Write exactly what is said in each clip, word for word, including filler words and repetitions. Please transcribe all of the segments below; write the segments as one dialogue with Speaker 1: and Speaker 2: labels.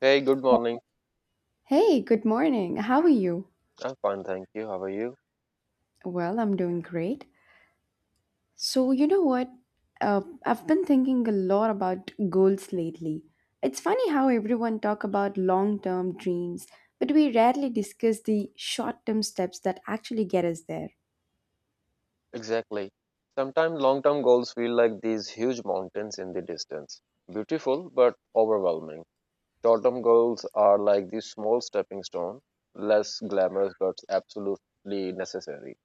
Speaker 1: Hey, good morning.
Speaker 2: Hey, good morning. How are you?
Speaker 1: I'm fine, thank you. How are you?
Speaker 2: Well, I'm doing great. So, you know what? Uh, I've been thinking a lot about goals lately. It's funny how everyone talk about long-term dreams, but we rarely discuss the short-term steps that actually get us there.
Speaker 1: Exactly. Sometimes long term goals feel like these huge mountains in the distance. Beautiful, but overwhelming. Short term goals are like these small stepping stone, less glamorous, but absolutely necessary.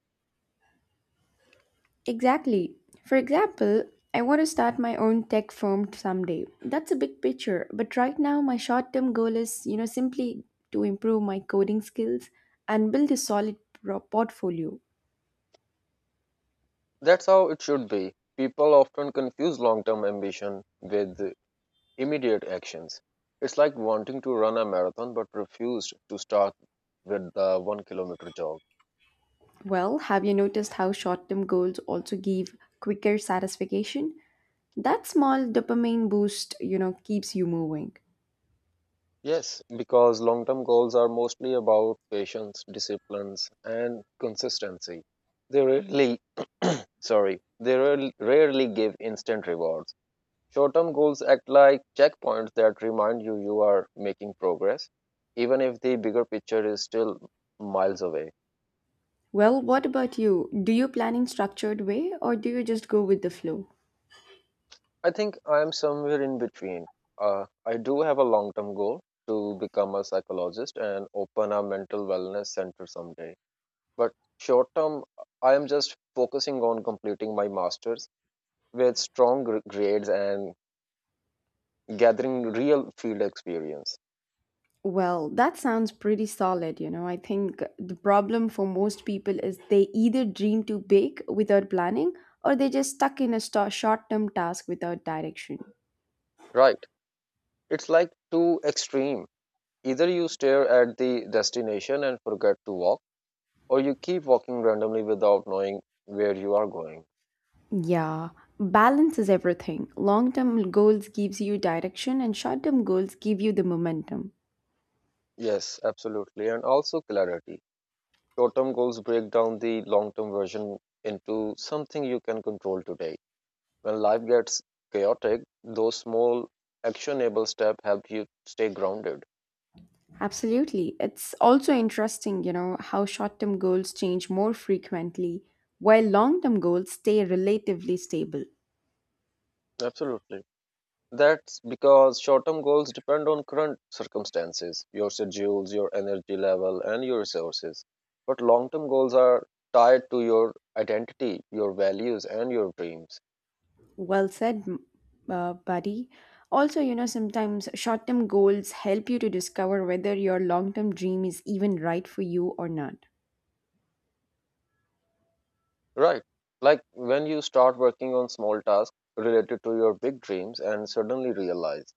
Speaker 2: Exactly. For example, I want to start my own tech firm someday. That's a big picture, but right now my short-term goal is, you know, simply to improve my coding skills and build a solid pro- portfolio.
Speaker 1: That's how it should be. People often confuse long term ambition with immediate actions. It's like wanting to run a marathon but refuse to start with the one kilometer jog.
Speaker 2: Well, have you noticed how short term goals also give quicker satisfaction? That small dopamine boost, you know, keeps you moving.
Speaker 1: Yes, because long term goals are mostly about patience, disciplines, and consistency. They rarely, sorry, they rarely rarely give instant rewards. Short term goals act like checkpoints that remind you you are making progress, even if the bigger picture is still miles away.
Speaker 2: Well, what about you? Do you plan in structured way or do you just go with the flow?
Speaker 1: I think I am somewhere in between. Uh, I do have a long term goal to become a psychologist and open a mental wellness center someday. But short term, I am just focusing on completing my master's with strong gr- grades and gathering real field experience.
Speaker 2: Well, that sounds pretty solid, you know. I think the problem for most people is they either dream too big without planning or they just stuck in a short term task without direction.
Speaker 1: Right. It's like too extreme. Either you stare at the destination and forget to walk, or you keep walking randomly without knowing where you are going.
Speaker 2: Yeah, balance is everything. Long-term goals gives you direction and short-term goals give you the momentum.
Speaker 1: Yes, absolutely. And also clarity. Short term goals break down the long term version into something you can control today. When life gets chaotic, those small actionable steps help you stay grounded.
Speaker 2: Absolutely. It's also interesting, you know, how short-term goals change more frequently while long-term goals stay relatively stable.
Speaker 1: Absolutely. That's because short term goals depend on current circumstances, your schedules, your energy level, and your resources. But long term goals are tied to your identity, your values, and your dreams.
Speaker 2: Well said, m- uh, buddy. Also, you know, sometimes short-term goals help you to discover whether your long-term dream is even right for you or not.
Speaker 1: Right. Like when you start working on small tasks related to your big dreams and suddenly realize,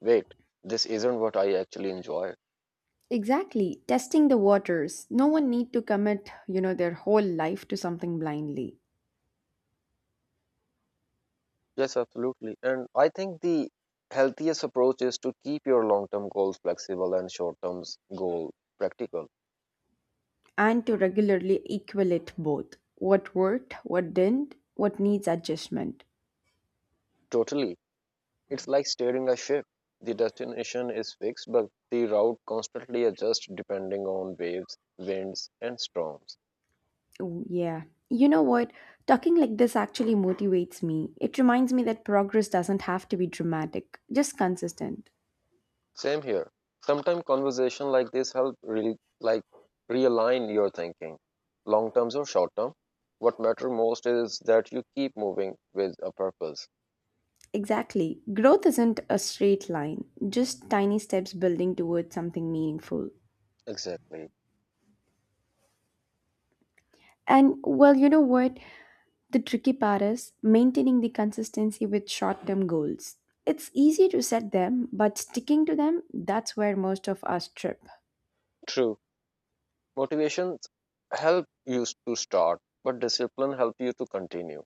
Speaker 1: wait, this isn't what I actually enjoy.
Speaker 2: Exactly, testing the waters. No one need to commit, you know, their whole life to something blindly
Speaker 1: Yes, absolutely. And I think the healthiest approach is to keep your long term goals flexible and short term goal practical.
Speaker 2: and to regularly evaluate both what worked, what didn't, what needs adjustment.
Speaker 1: Totally. It's like steering a ship. The destination is fixed, but the route constantly adjusts depending on waves, winds, and storms.
Speaker 2: Oh, yeah. You know what? Talking like this actually motivates me. It reminds me that progress doesn't have to be dramatic, just consistent.
Speaker 1: Same here. Sometimes conversation like this help really like realign your thinking. Long terms or short term. What matter most is that you keep moving with a purpose.
Speaker 2: Exactly. Growth isn't a straight line, just tiny steps building towards something meaningful.
Speaker 1: Exactly.
Speaker 2: And well, you know what? The tricky part is maintaining the consistency with short term goals. It's easy to set them, but sticking to them, that's where most of us trip.
Speaker 1: True. Motivations help you to start, but discipline help you to continue.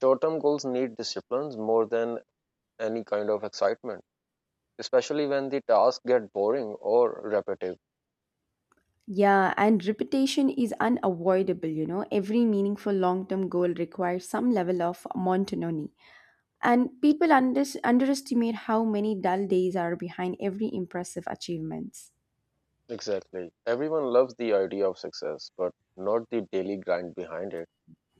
Speaker 1: Short-term goals need disciplines more than any kind of excitement, especially when the tasks get boring or repetitive.
Speaker 2: Yeah, and repetition is unavoidable, you know. Every meaningful long term goal requires some level of monotony. And people under- underestimate how many dull days are behind every impressive achievements.
Speaker 1: Exactly. Everyone loves the idea of success, but not the daily grind behind it.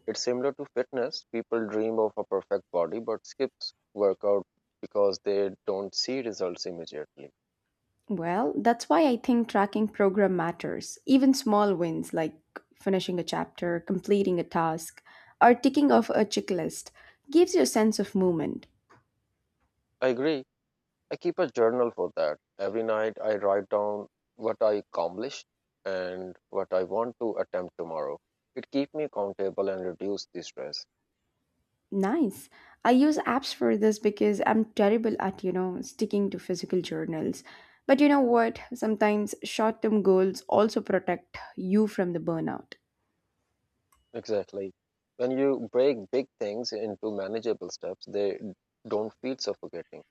Speaker 1: It's similar to fitness. People dream of a perfect body but skips workout because they don't see results immediately.
Speaker 2: Well, that's why I think tracking program matters. Even small wins like finishing a chapter, completing a task, or ticking off a checklist gives you a sense of movement.
Speaker 1: I agree. I keep a journal for that. Every night I write down what I accomplished and what I want to attempt tomorrow. It keeps me accountable and reduce the stress.
Speaker 2: Nice. I use apps for this because I'm terrible at, you know, sticking to physical journals. But you know what? Sometimes short-term goals also protect you from the burnout.
Speaker 1: Exactly. When you break big things into manageable steps, they don't feel suffocating.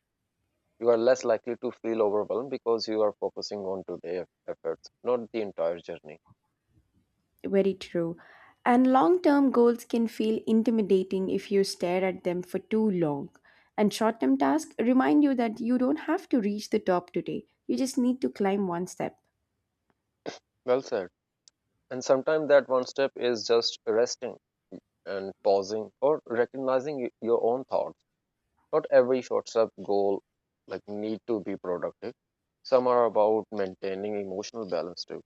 Speaker 1: You are less likely to feel overwhelmed because you are focusing on today's efforts, not the entire journey.
Speaker 2: Very true. And long term goals can feel intimidating if you stare at them for too long. And short term tasks remind you that you don't have to reach the top today, you just need to climb one step.
Speaker 1: Well said. And sometimes that one step is just resting and pausing or recognizing y- your own thoughts, not every short sub goal like need to be productive, some are about maintaining emotional balance too.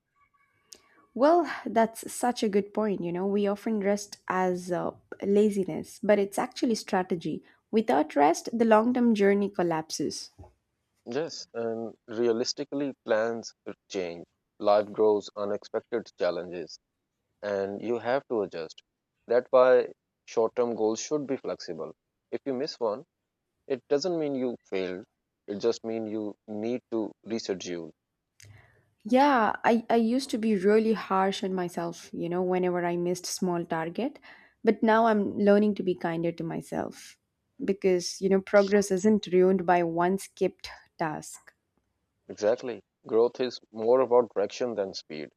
Speaker 2: Well, that's such a good point. You know, we often rest as uh, laziness, but it's actually strategy. Without rest, the long term journey collapses.
Speaker 1: Yes, and realistically plans change, life grows unexpected challenges, and you have to adjust. That's why short-term goals should be flexible. If you miss one, it doesn't mean you failed, it just means you need to reschedule.
Speaker 2: Yeah, I, I used to be really harsh on myself, you know, whenever I missed small target. But now I'm learning to be kinder to myself because, you know, progress isn't ruined by one skipped task.
Speaker 1: Exactly, growth is more about direction than speed.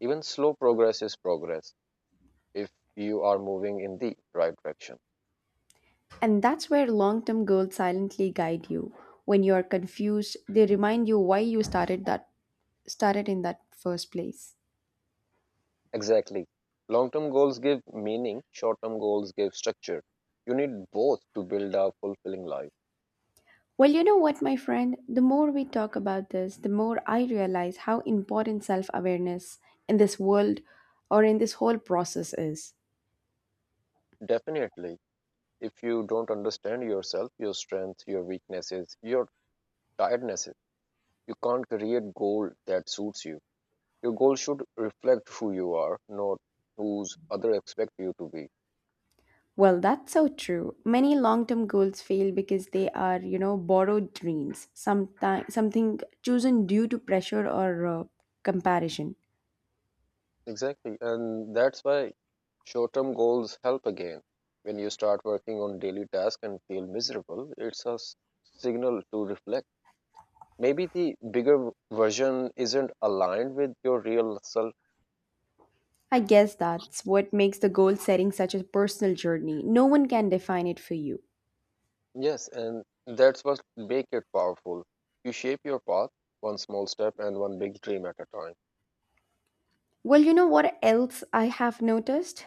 Speaker 1: Even slow progress is progress if you are moving in the right direction.
Speaker 2: And that's where long-term goals silently guide you. When you are confused, they remind you why you started that started in that first place.
Speaker 1: Exactly. Long term goals give meaning, short term goals give structure. You need both to build a fulfilling life.
Speaker 2: Well, you know what, my friend? The more we talk about this, the more I realize how important self awareness in this world or in this whole process is.
Speaker 1: Definitely. If you don't understand yourself, your strengths, your weaknesses, your tirednesses, you can't create goal that suits you. Your goal should reflect who you are, not whose other expect you to be.
Speaker 2: Well, that's so true. Many long term goals fail because they are, you know, borrowed dreams, sometimes something chosen due to pressure or uh, comparison.
Speaker 1: Exactly. And that's why short term goals help again. When you start working on daily tasks and feel miserable, it's a s- signal to reflect. Maybe the bigger v- version isn't aligned with your real self.
Speaker 2: I guess that's what makes the goal setting such a personal journey. No one can define it for you.
Speaker 1: Yes, and that's what make it powerful. You shape your path one small step and one big dream at a time.
Speaker 2: Well, you know what else I have noticed?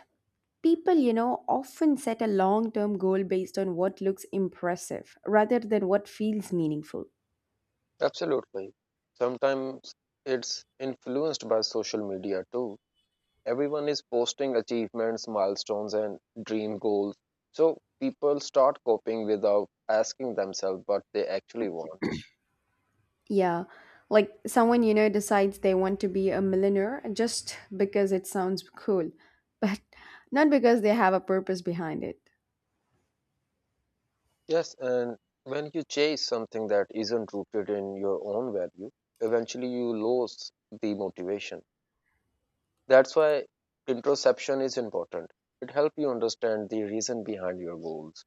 Speaker 2: People, you know, often set a long term goal based on what looks impressive rather than what feels meaningful.
Speaker 1: Absolutely. Sometimes it's influenced by social media too. Everyone is posting achievements, milestones, and dream goals. So people start coping without asking themselves what they actually want.
Speaker 2: Yeah, like someone, you know, decides they want to be a millionaire just because it sounds cool, but not because they have a purpose behind it.
Speaker 1: Yes, and when you chase something that isn't rooted in your own value, eventually you lose the motivation. That's why introspection is important. It helps you understand the reason behind your goals.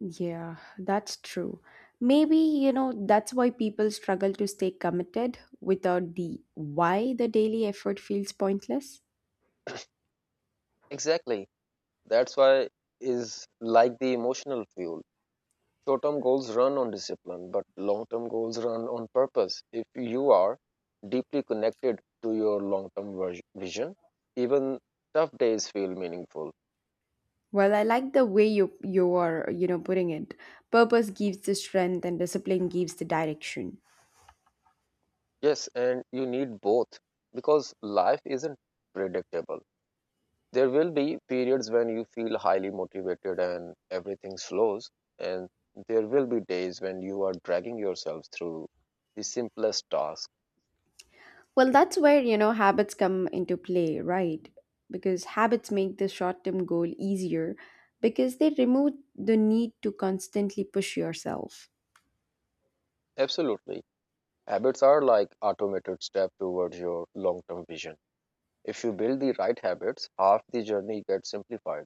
Speaker 2: Yeah, that's true. Maybe, you know, that's why people struggle to stay committed without the why the daily effort feels pointless.
Speaker 1: Exactly. That's why is like the emotional fuel. Short term goals run on discipline, but long term goals run on purpose. If you are deeply connected to your long term vision, even tough days feel meaningful.
Speaker 2: Well, I like the way you you are, you know, putting it. Purpose gives the strength and discipline gives the direction.
Speaker 1: Yes, and you need both because life isn't predictable. There will be periods when you feel highly motivated and everything slows, and there will be days when you are dragging yourself through the simplest task.
Speaker 2: Well, that's where, you know, habits come into play, right? Because habits make the short-term goal easier because they remove the need to constantly push yourself.
Speaker 1: Absolutely. Habits are like automated step towards your long-term vision. If you build the right habits, half the journey gets simplified.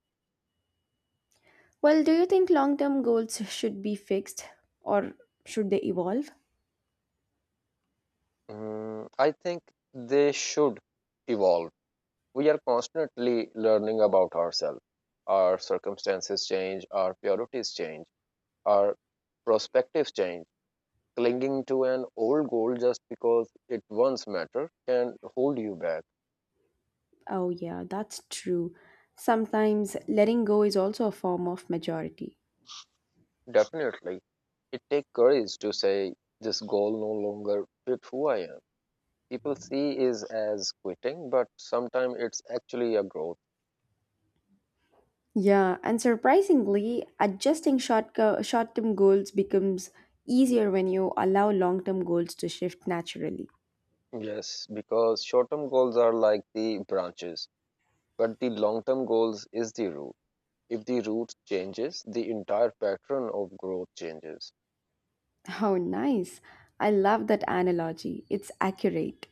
Speaker 2: Well, do you think long-term goals should be fixed or should they evolve?
Speaker 1: Mm, I think they should evolve. We are constantly learning about ourselves. Our circumstances change, our priorities change, our perspectives change. Clinging to an old goal just because it once mattered can hold you back.
Speaker 2: Oh yeah, that's true. Sometimes letting go is also a form of majority.
Speaker 1: Definitely, it takes courage to say this goal no longer fit who I am. People see is as quitting, but sometimes it's actually a growth.
Speaker 2: Yeah, and surprisingly, adjusting short short-term goals becomes easier when you allow long-term goals to shift naturally.
Speaker 1: Yes, because short-term goals are like the branches, but the long-term goals is the root. If the root changes, the entire pattern of growth changes.
Speaker 2: How nice. I love that analogy. It's accurate.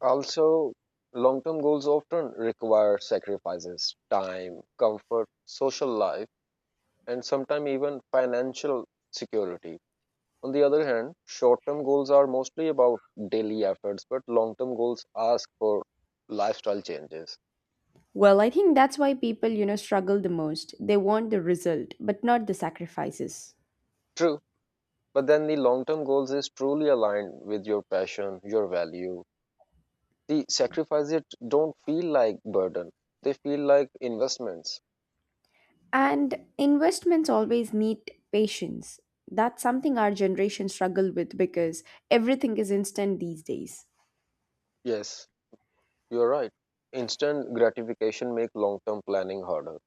Speaker 1: Also, long-term goals often require sacrifices, time, comfort, social life, and sometimes even financial security. On the other hand, short-term goals are mostly about daily efforts, but long-term goals ask for lifestyle changes.
Speaker 2: Well, I think that's why people, you know, struggle the most. They want the result, but not the sacrifices.
Speaker 1: True. But then the long term goals is truly aligned with your passion, your value. The sacrifices don't feel like burden. They feel like investments.
Speaker 2: And investments always need patience. That's something our generation struggle with because everything is instant these days.
Speaker 1: Yes, you're right. Instant gratification make long term planning harder.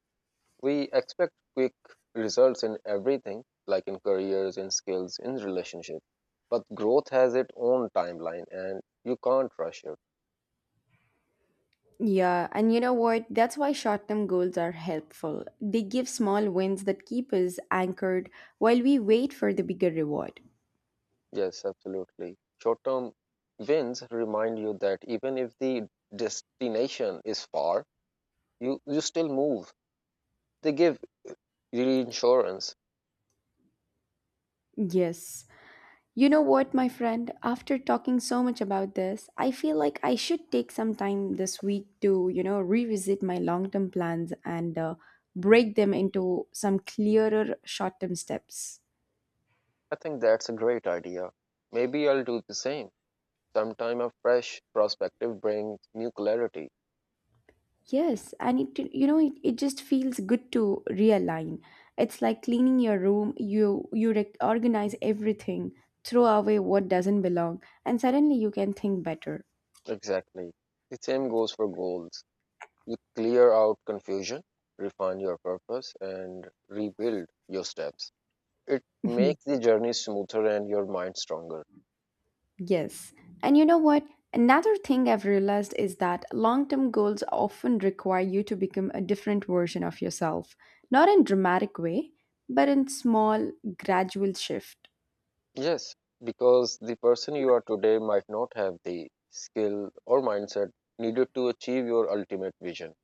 Speaker 1: We expect quick results in everything, like in careers, in skills, in relationships. But growth has its own timeline and you can't rush it.
Speaker 2: Yeah, and you know what? That's why short term goals are helpful. They give small wins that keep us anchored while we wait for the bigger reward.
Speaker 1: Yes, absolutely. Short term wins remind you that even if the destination is far, You you still move. They give reinsurance.
Speaker 2: Yes. You know what, my friend? After talking so much about this, I feel like I should take some time this week to, you know, revisit my long term plans and uh, break them into some clearer short term steps.
Speaker 1: I think that's a great idea. Maybe I'll do the same. Sometime a fresh perspective brings new clarity.
Speaker 2: Yes, and it you know it, it just feels good to realign. It's like cleaning your room, you you rec- organize everything, throw away what doesn't belong, and suddenly you can think better.
Speaker 1: Exactly. The same goes for goals. You clear out confusion, refine your purpose, and rebuild your steps. It
Speaker 2: Mhm.
Speaker 1: makes the journey smoother and your mind stronger.
Speaker 2: Yes. And you know what? Another thing I've realized is that long-term goals often require you to become a different version of yourself, not in dramatic way, but in small gradual shift.
Speaker 1: Yes, because the person you are today might not have the skill or mindset needed to achieve your ultimate vision,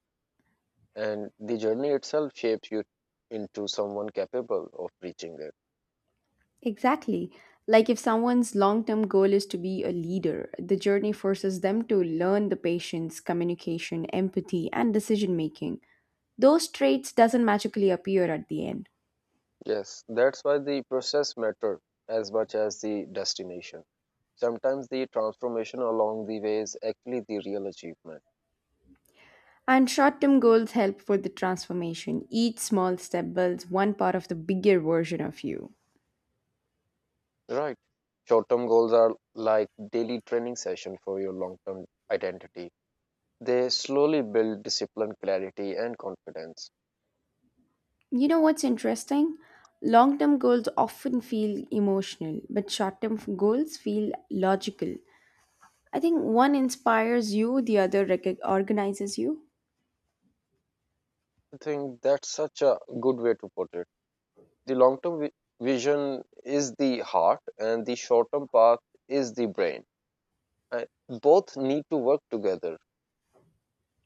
Speaker 1: and the journey itself shapes you into someone capable of reaching it.
Speaker 2: Exactly. Like if someone's long term goal is to be a leader, the journey forces them to learn the patience, communication, empathy, and decision making. Those traits doesn't magically appear at the end.
Speaker 1: Yes, that's why the process matters as much as the destination. Sometimes the transformation along the way is actually the real achievement.
Speaker 2: And short term goals help for the transformation. Each small step builds one part of the bigger version of you.
Speaker 1: Right. Short-term goals are like daily training session for your long-term identity. They slowly build discipline, clarity, and confidence.
Speaker 2: You know what's interesting? Long term goals often feel emotional, but short term goals feel logical. I think one inspires you, the other rec- organizes you.
Speaker 1: I think that's such a good way to put it. The long term vi- vision is the heart, and the short term path is the brain. Uh, both need to work together.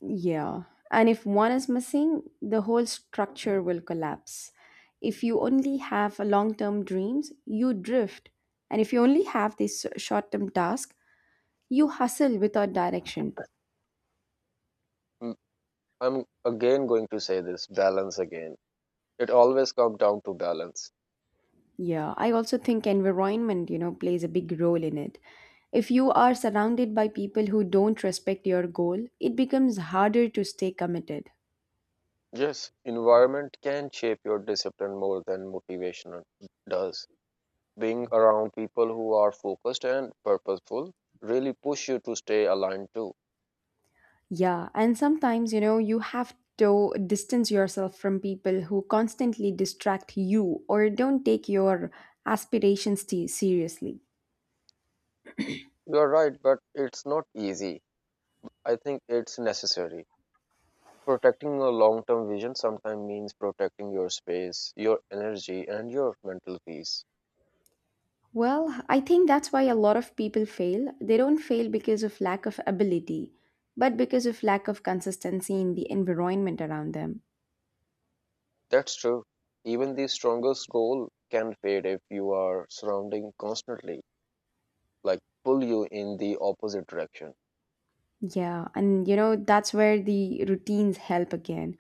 Speaker 2: Yeah. And if one is missing, the whole structure will collapse. If you only have long term dreams, you drift. And if you only have this short term task, you hustle without direction.
Speaker 1: Mm, I'm again going to say this balance again. It always comes down to balance.
Speaker 2: Yeah. I also think environment, you know, plays a big role in it. If you are surrounded by people who don't respect your goal, it becomes harder to stay committed.
Speaker 1: Yes, environment can shape your discipline more than motivation does. Being around people who are focused and purposeful really push you to stay aligned too.
Speaker 2: Yeah, and sometimes, you know, you have to distance yourself from people who constantly distract you or don't take your aspirations te- seriously.
Speaker 1: You are right, but it's not easy. I think it's necessary. Protecting your long term vision sometimes means protecting your space, your energy, and your mental peace.
Speaker 2: Well, I think that's why a lot of people fail. They don't fail because of lack of ability, but because of lack of consistency in the environment around them.
Speaker 1: That's true. Even the strongest goal can fade if you are surrounding constantly, like pull you in the opposite direction.
Speaker 2: Yeah, and you know, that's where the routines help again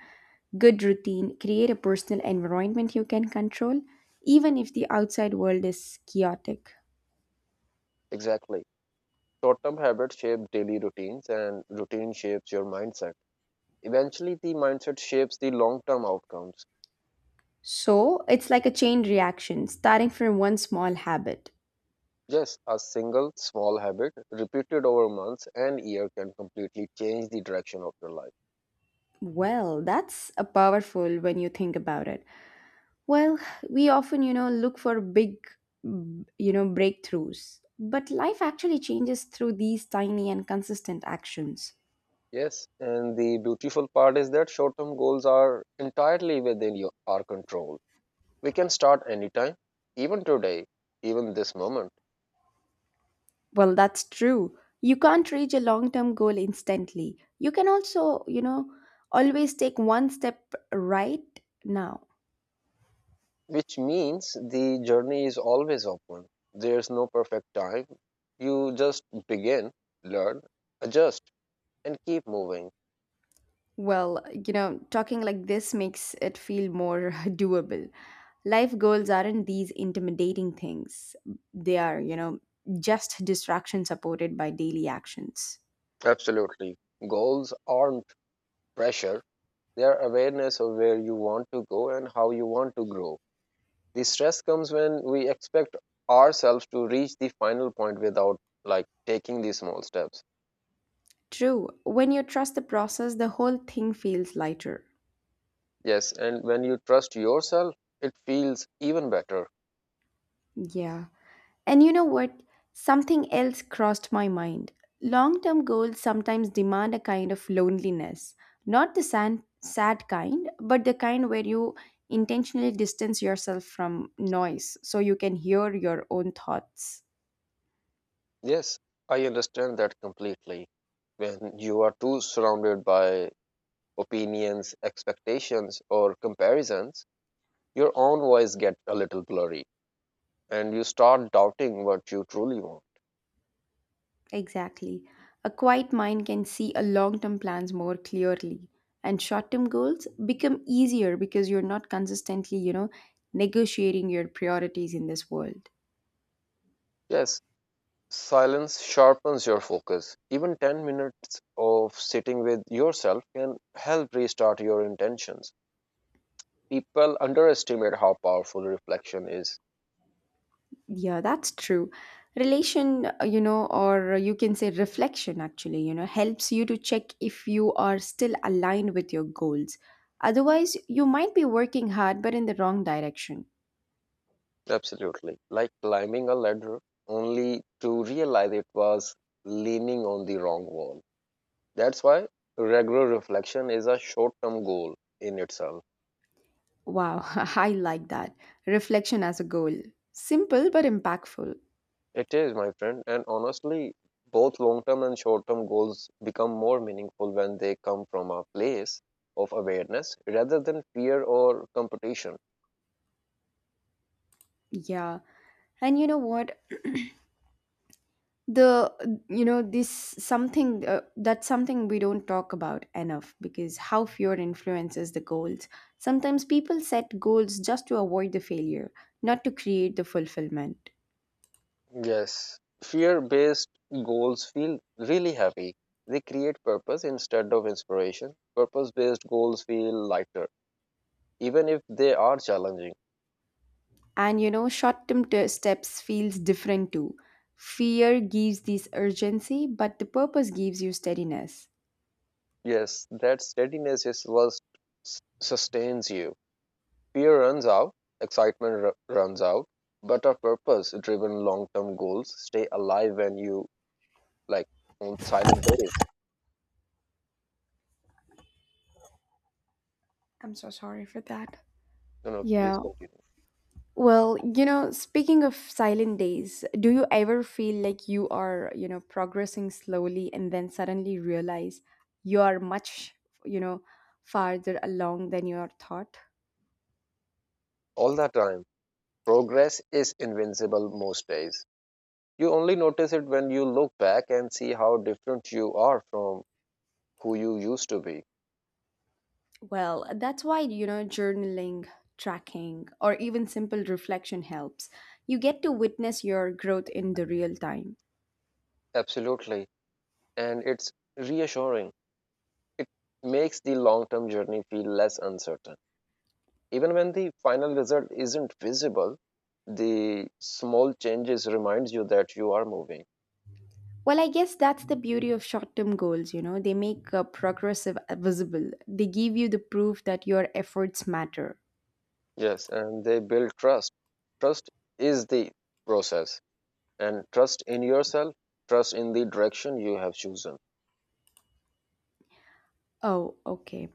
Speaker 2: good routine, create a personal environment you can control, even if the outside world is chaotic.
Speaker 1: Exactly. Short term habits shape daily routines, and routine shapes your mindset. Eventually, the mindset shapes the long term outcomes.
Speaker 2: So it's like a chain reaction, starting from one small habit.
Speaker 1: Yes, a single small habit repeated over months and year can completely change the direction of your life.
Speaker 2: Well, that's a powerful when you think about it. Well, we often, you know, look for big, mm, you know, breakthroughs, but life actually changes through these tiny and consistent actions.
Speaker 1: Yes, and the beautiful part is that short term goals are entirely within your, our control. We can start anytime, even today, even this moment,
Speaker 2: Well, that's true. You can't reach a long term goal instantly. You can also, you know, always take one step right now.
Speaker 1: which means the journey is always open. There's no perfect time. You just begin, learn, adjust, and keep moving.
Speaker 2: Well, you know, talking like this makes it feel more doable. Life goals aren't these intimidating things, they are, you know, just distraction supported by daily actions.
Speaker 1: Absolutely. Goals aren't pressure, they are awareness of where you want to go and how you want to grow. The stress comes when we expect ourselves to reach the final point without like taking these small steps.
Speaker 2: True, when you trust the process, the whole thing feels lighter.
Speaker 1: Yes, and when you trust yourself it feels even better.
Speaker 2: Yeah. And you know what? Something else crossed my mind. Long term goals sometimes demand a kind of loneliness, not the sad, sad kind, but the kind where you intentionally distance yourself from noise so you can hear your own thoughts.
Speaker 1: Yes, I understand that completely. When you are too surrounded by opinions, expectations, or comparisons, your own voice gets a little blurry and you start doubting what you truly want.
Speaker 2: Exactly. A quiet mind can see a long term plans more clearly and short term goals become easier because you're not consistently, you know, negotiating your priorities in this world.
Speaker 1: Yes. Silence sharpens your focus. Even ten minutes of sitting with yourself can help restart your intentions. People underestimate how powerful reflection is.
Speaker 2: Yeah, that's true. Relation, uh, you know, or you can say reflection actually, you know, helps you to check if you are still aligned with your goals. Otherwise, you might be working hard but in the wrong direction.
Speaker 1: Absolutely. Like climbing a ladder only to realize it was leaning on the wrong wall. That's why regular reflection is a short term goal in itself.
Speaker 2: Wow, I like that. Reflection as a goal. Simple but impactful.
Speaker 1: It is, my friend, and honestly, both long term and short term goals become more meaningful when they come from a place of awareness rather than fear or competition.
Speaker 2: Yeah. And you know what? The you know this something uh, That's something we don't talk about enough because how fear influences the goals sometimes people set goals just to avoid the failure not to create the fulfillment.
Speaker 1: Yes, fear based goals feel really heavy. They create purpose instead of inspiration. Purpose based goals feel lighter, even if they are challenging.
Speaker 2: And you know short term steps feels different too fear gives this urgency but the purpose gives you steadiness.
Speaker 1: Yes, that steadiness is what s- sustains you. Fear runs out, excitement r- runs out, but our purpose driven long term goals stay alive when you like on silent days.
Speaker 2: I'm so sorry for that.
Speaker 1: No, no, please
Speaker 2: Yeah.
Speaker 1: continue.
Speaker 2: Well, you know, speaking of silent days, do you ever feel like you are, you know, progressing slowly and then suddenly realize you are much, you know, farther along than you are thought?
Speaker 1: All the time, progress is invincible most days. You only notice it when you look back and see how different you are from who you used to be.
Speaker 2: Well, that's why, you know, journaling, tracking, or even simple reflection helps. You get to witness your growth in the real time.
Speaker 1: Absolutely. And it's reassuring. It makes the long term journey feel less uncertain. Even when the final result isn't visible, the small changes reminds you that you are moving.
Speaker 2: Well, I guess that's the beauty of short term goals, you know, they make uh, progressive uh, visible. They give you the proof that your efforts matter.
Speaker 1: Yes, and they build trust. Trust is the process, and trust in yourself, trust in the direction you have chosen.
Speaker 2: Oh, okay.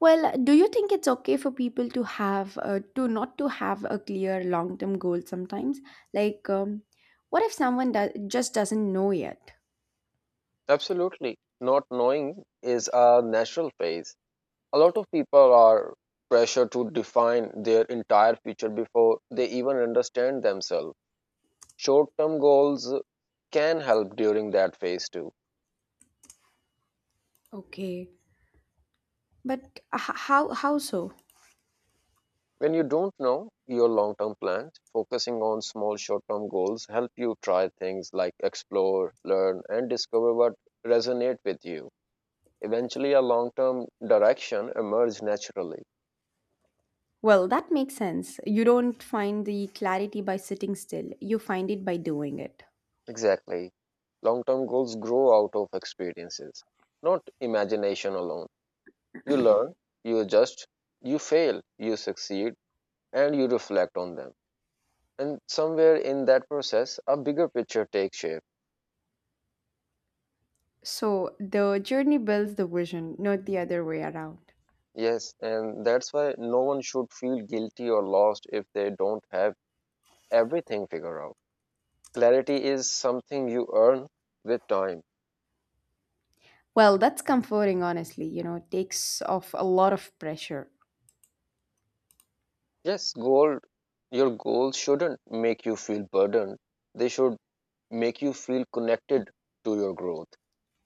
Speaker 2: Well, do you think it's okay for people to have uh, to not to have a clear long-term goal sometimes? Like, um, what if someone does just doesn't know yet?
Speaker 1: Absolutely. Not knowing is a natural phase. A lot of people are pressured to define their entire future before they even understand themselves. Short term goals can help during that phase too.
Speaker 2: Okay, but h- how how so?
Speaker 1: When you don't know your long term plans, focusing on small short term goals help you try things like explore, learn, and discover what resonate with you. Eventually, a long term direction emerges naturally.
Speaker 2: Well, that makes sense. You don't find the clarity by sitting still. You find it by doing it.
Speaker 1: Exactly. Long term goals grow out of experiences, not imagination alone. You learn, you adjust, you fail, you succeed, and you reflect on them. And somewhere in that process, a bigger picture takes shape.
Speaker 2: So the journey builds the vision, not the other way around.
Speaker 1: Yes, and that's why no one should feel guilty or lost if they don't have everything figured out. Clarity is something you earn with time.
Speaker 2: Well, that's comforting, honestly. You know, it takes off a lot of pressure.
Speaker 1: Yes, goal your goals shouldn't make you feel burdened. They should make you feel connected to your growth.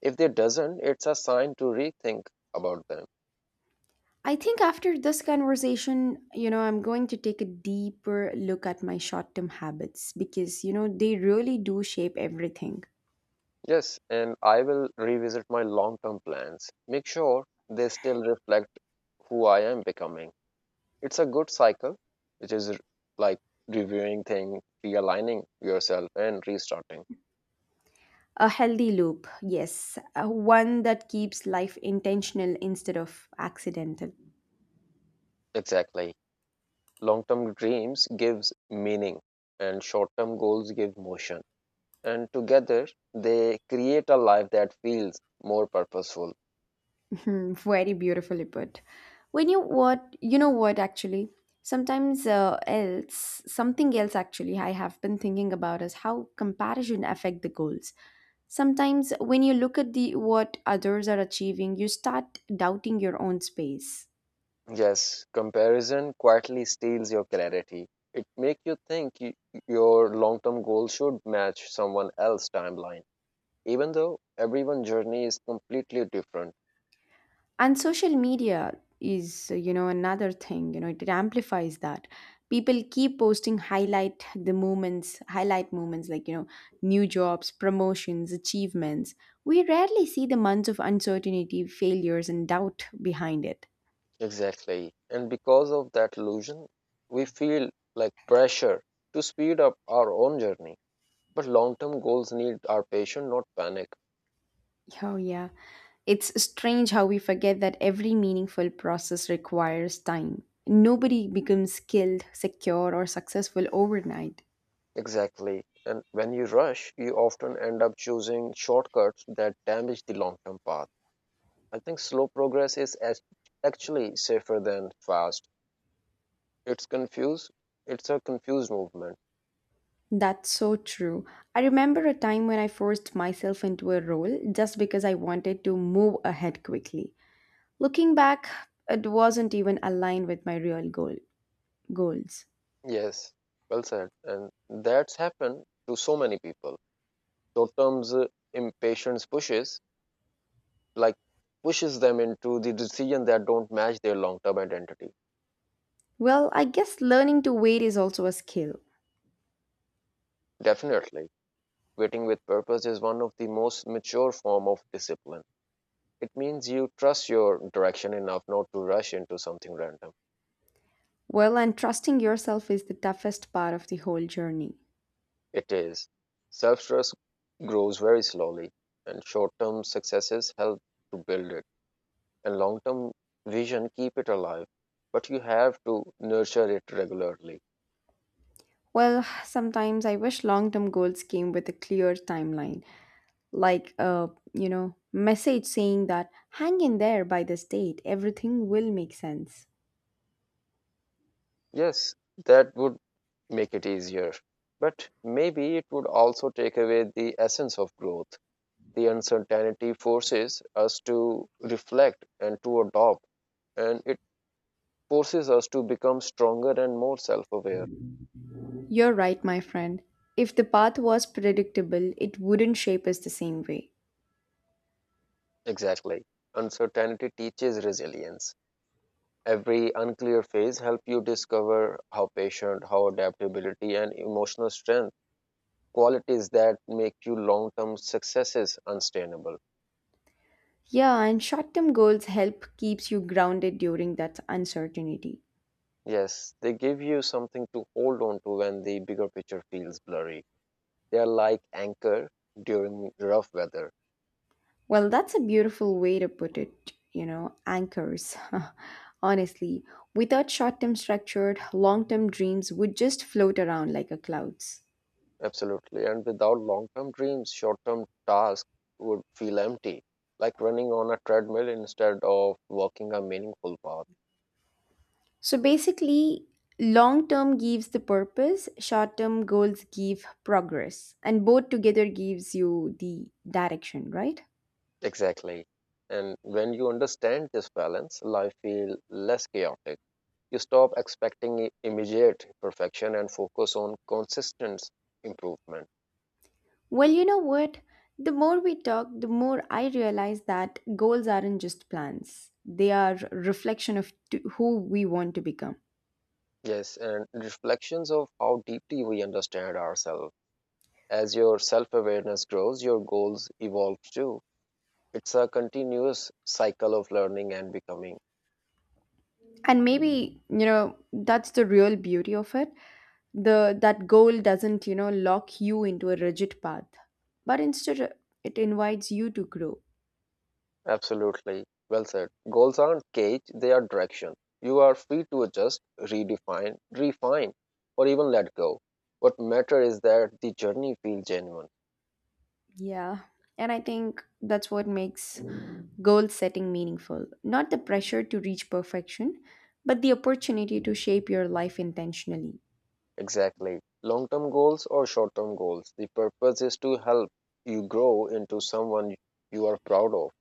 Speaker 1: If they doesn't, it's a sign to rethink about them.
Speaker 2: I think after this conversation, you know, I'm going to take a deeper look at my short term habits because, you know, they really do shape everything.
Speaker 1: Yes, and I will revisit my long-term plans. Make sure they still reflect who I am becoming. It's a good cycle, which is r- like reviewing things, realigning yourself, and restarting.
Speaker 2: A healthy loop, yes, uh, one that keeps life intentional instead of accidental.
Speaker 1: Exactly. Long-term dreams gives meaning, and short-term goals give motion. And together, they create a life that feels more purposeful.
Speaker 2: Hmm, very beautifully put. When you what you know what actually sometimes uh, else Something else actually I have been thinking about is how comparison affect the goals. Sometimes when you look at the what others are achieving, you start doubting your own space.
Speaker 1: Yes, comparison quietly steals your clarity. It makes you think y your long-term goal should match someone else's timeline, even though everyone's journey is completely different.
Speaker 2: And social media is uh, you know another thing you know it, amplifies that people keep posting highlight the moments highlight moments like you know new jobs promotions achievements. We rarely see the months of uncertainty failures and doubt behind it.
Speaker 1: Exactly. And because of that illusion, we feel like pressure to speed up our own journey. But long term goals need our patience, not panic.
Speaker 2: Oh yeah, it's strange how we forget that every meaningful process requires time. Nobody becomes skilled secure or successful overnight.
Speaker 1: Exactly. And when you rush, you often end up choosing shortcuts that damage the long term path. I think slow progress is as- actually safer than fast. It's confused, it's a confused movement.
Speaker 2: That's so true. I remember a time when I forced myself into a role just because I wanted to move ahead quickly. Looking back, it wasn't even aligned with my real goal goals.
Speaker 1: Yes, well said. And that's happened to so many people. Short term's uh, impatience pushes like pushes them into the decision that don't match their long-term identity.
Speaker 2: Well, I guess learning to wait is also a skill.
Speaker 1: Definitely, waiting with purpose is one of the most mature form of discipline. It means you trust your direction enough not to rush into something random.
Speaker 2: Well, and trusting yourself is the toughest part of the whole journey.
Speaker 1: It is self-trust grows very slowly, and short-term successes help to build it, and long-term vision keep it alive. But you have to nurture it regularly.
Speaker 2: Well, sometimes I wish long-term goals came with a clear timeline, like a, you know, message saying that hang in there by this date, everything will make sense.
Speaker 1: Yes, that would make it easier. But maybe it would also take away the essence of growth. The uncertainty forces us to reflect and to adopt, and it forces us to become stronger and more self aware.
Speaker 2: You're right, my friend. If the path was predictable, it wouldn't shape us the same way.
Speaker 1: Exactly. Uncertainty teaches resilience. Every unclear phase helps you discover how patient, how adaptability, and emotional strength qualities that make you long term successes unsustainable.
Speaker 2: Yeah, and short-term goals help keeps you grounded during that uncertainty.
Speaker 1: Yes, they give you something to hold on to when the bigger picture feels blurry. They are like anchor during rough weather.
Speaker 2: Well, that's a beautiful way to put it, you know, anchors. Honestly, without short-term structured, long-term dreams would just float around like a clouds.
Speaker 1: Absolutely. And without long term dreams, short term tasks would feel empty, like running on a treadmill instead of walking a meaningful path.
Speaker 2: So basically, long-term gives the purpose, short-term goals give progress, and both together gives you the direction, right?
Speaker 1: Exactly. And when you understand this balance, life feels less chaotic. You stop expecting i- immediate perfection and focus on consistent improvement.
Speaker 2: Well, you know what? The more we talk, the more I realize that goals aren't just plans. They are reflection of t- who we want to become.
Speaker 1: Yes, and reflections of how deeply we understand ourselves. As your self awareness grows, your goals evolve too. It's a continuous cycle of learning and becoming.
Speaker 2: And maybe, you know, that's the real beauty of it. The That goal doesn't, you know, lock you into a rigid path, but instead uh, it invites you to grow.
Speaker 1: Absolutely. Well said. Goals aren't cage, they are direction. You are free to adjust, redefine, refine, or even let go. What matters is that the journey feels genuine.
Speaker 2: Yeah. And I think that's what makes goal setting meaningful. Not the pressure to reach perfection, but the opportunity to shape your life intentionally.
Speaker 1: Exactly. Long term goals or short term goals. The purpose is to help you grow into someone you are proud of.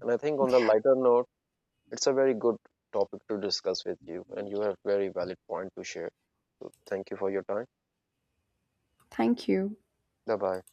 Speaker 1: And I think on the lighter note, it's a very good topic to discuss with you, and you have very valid point to share. So thank you for your time.
Speaker 2: Thank you.
Speaker 1: Bye bye.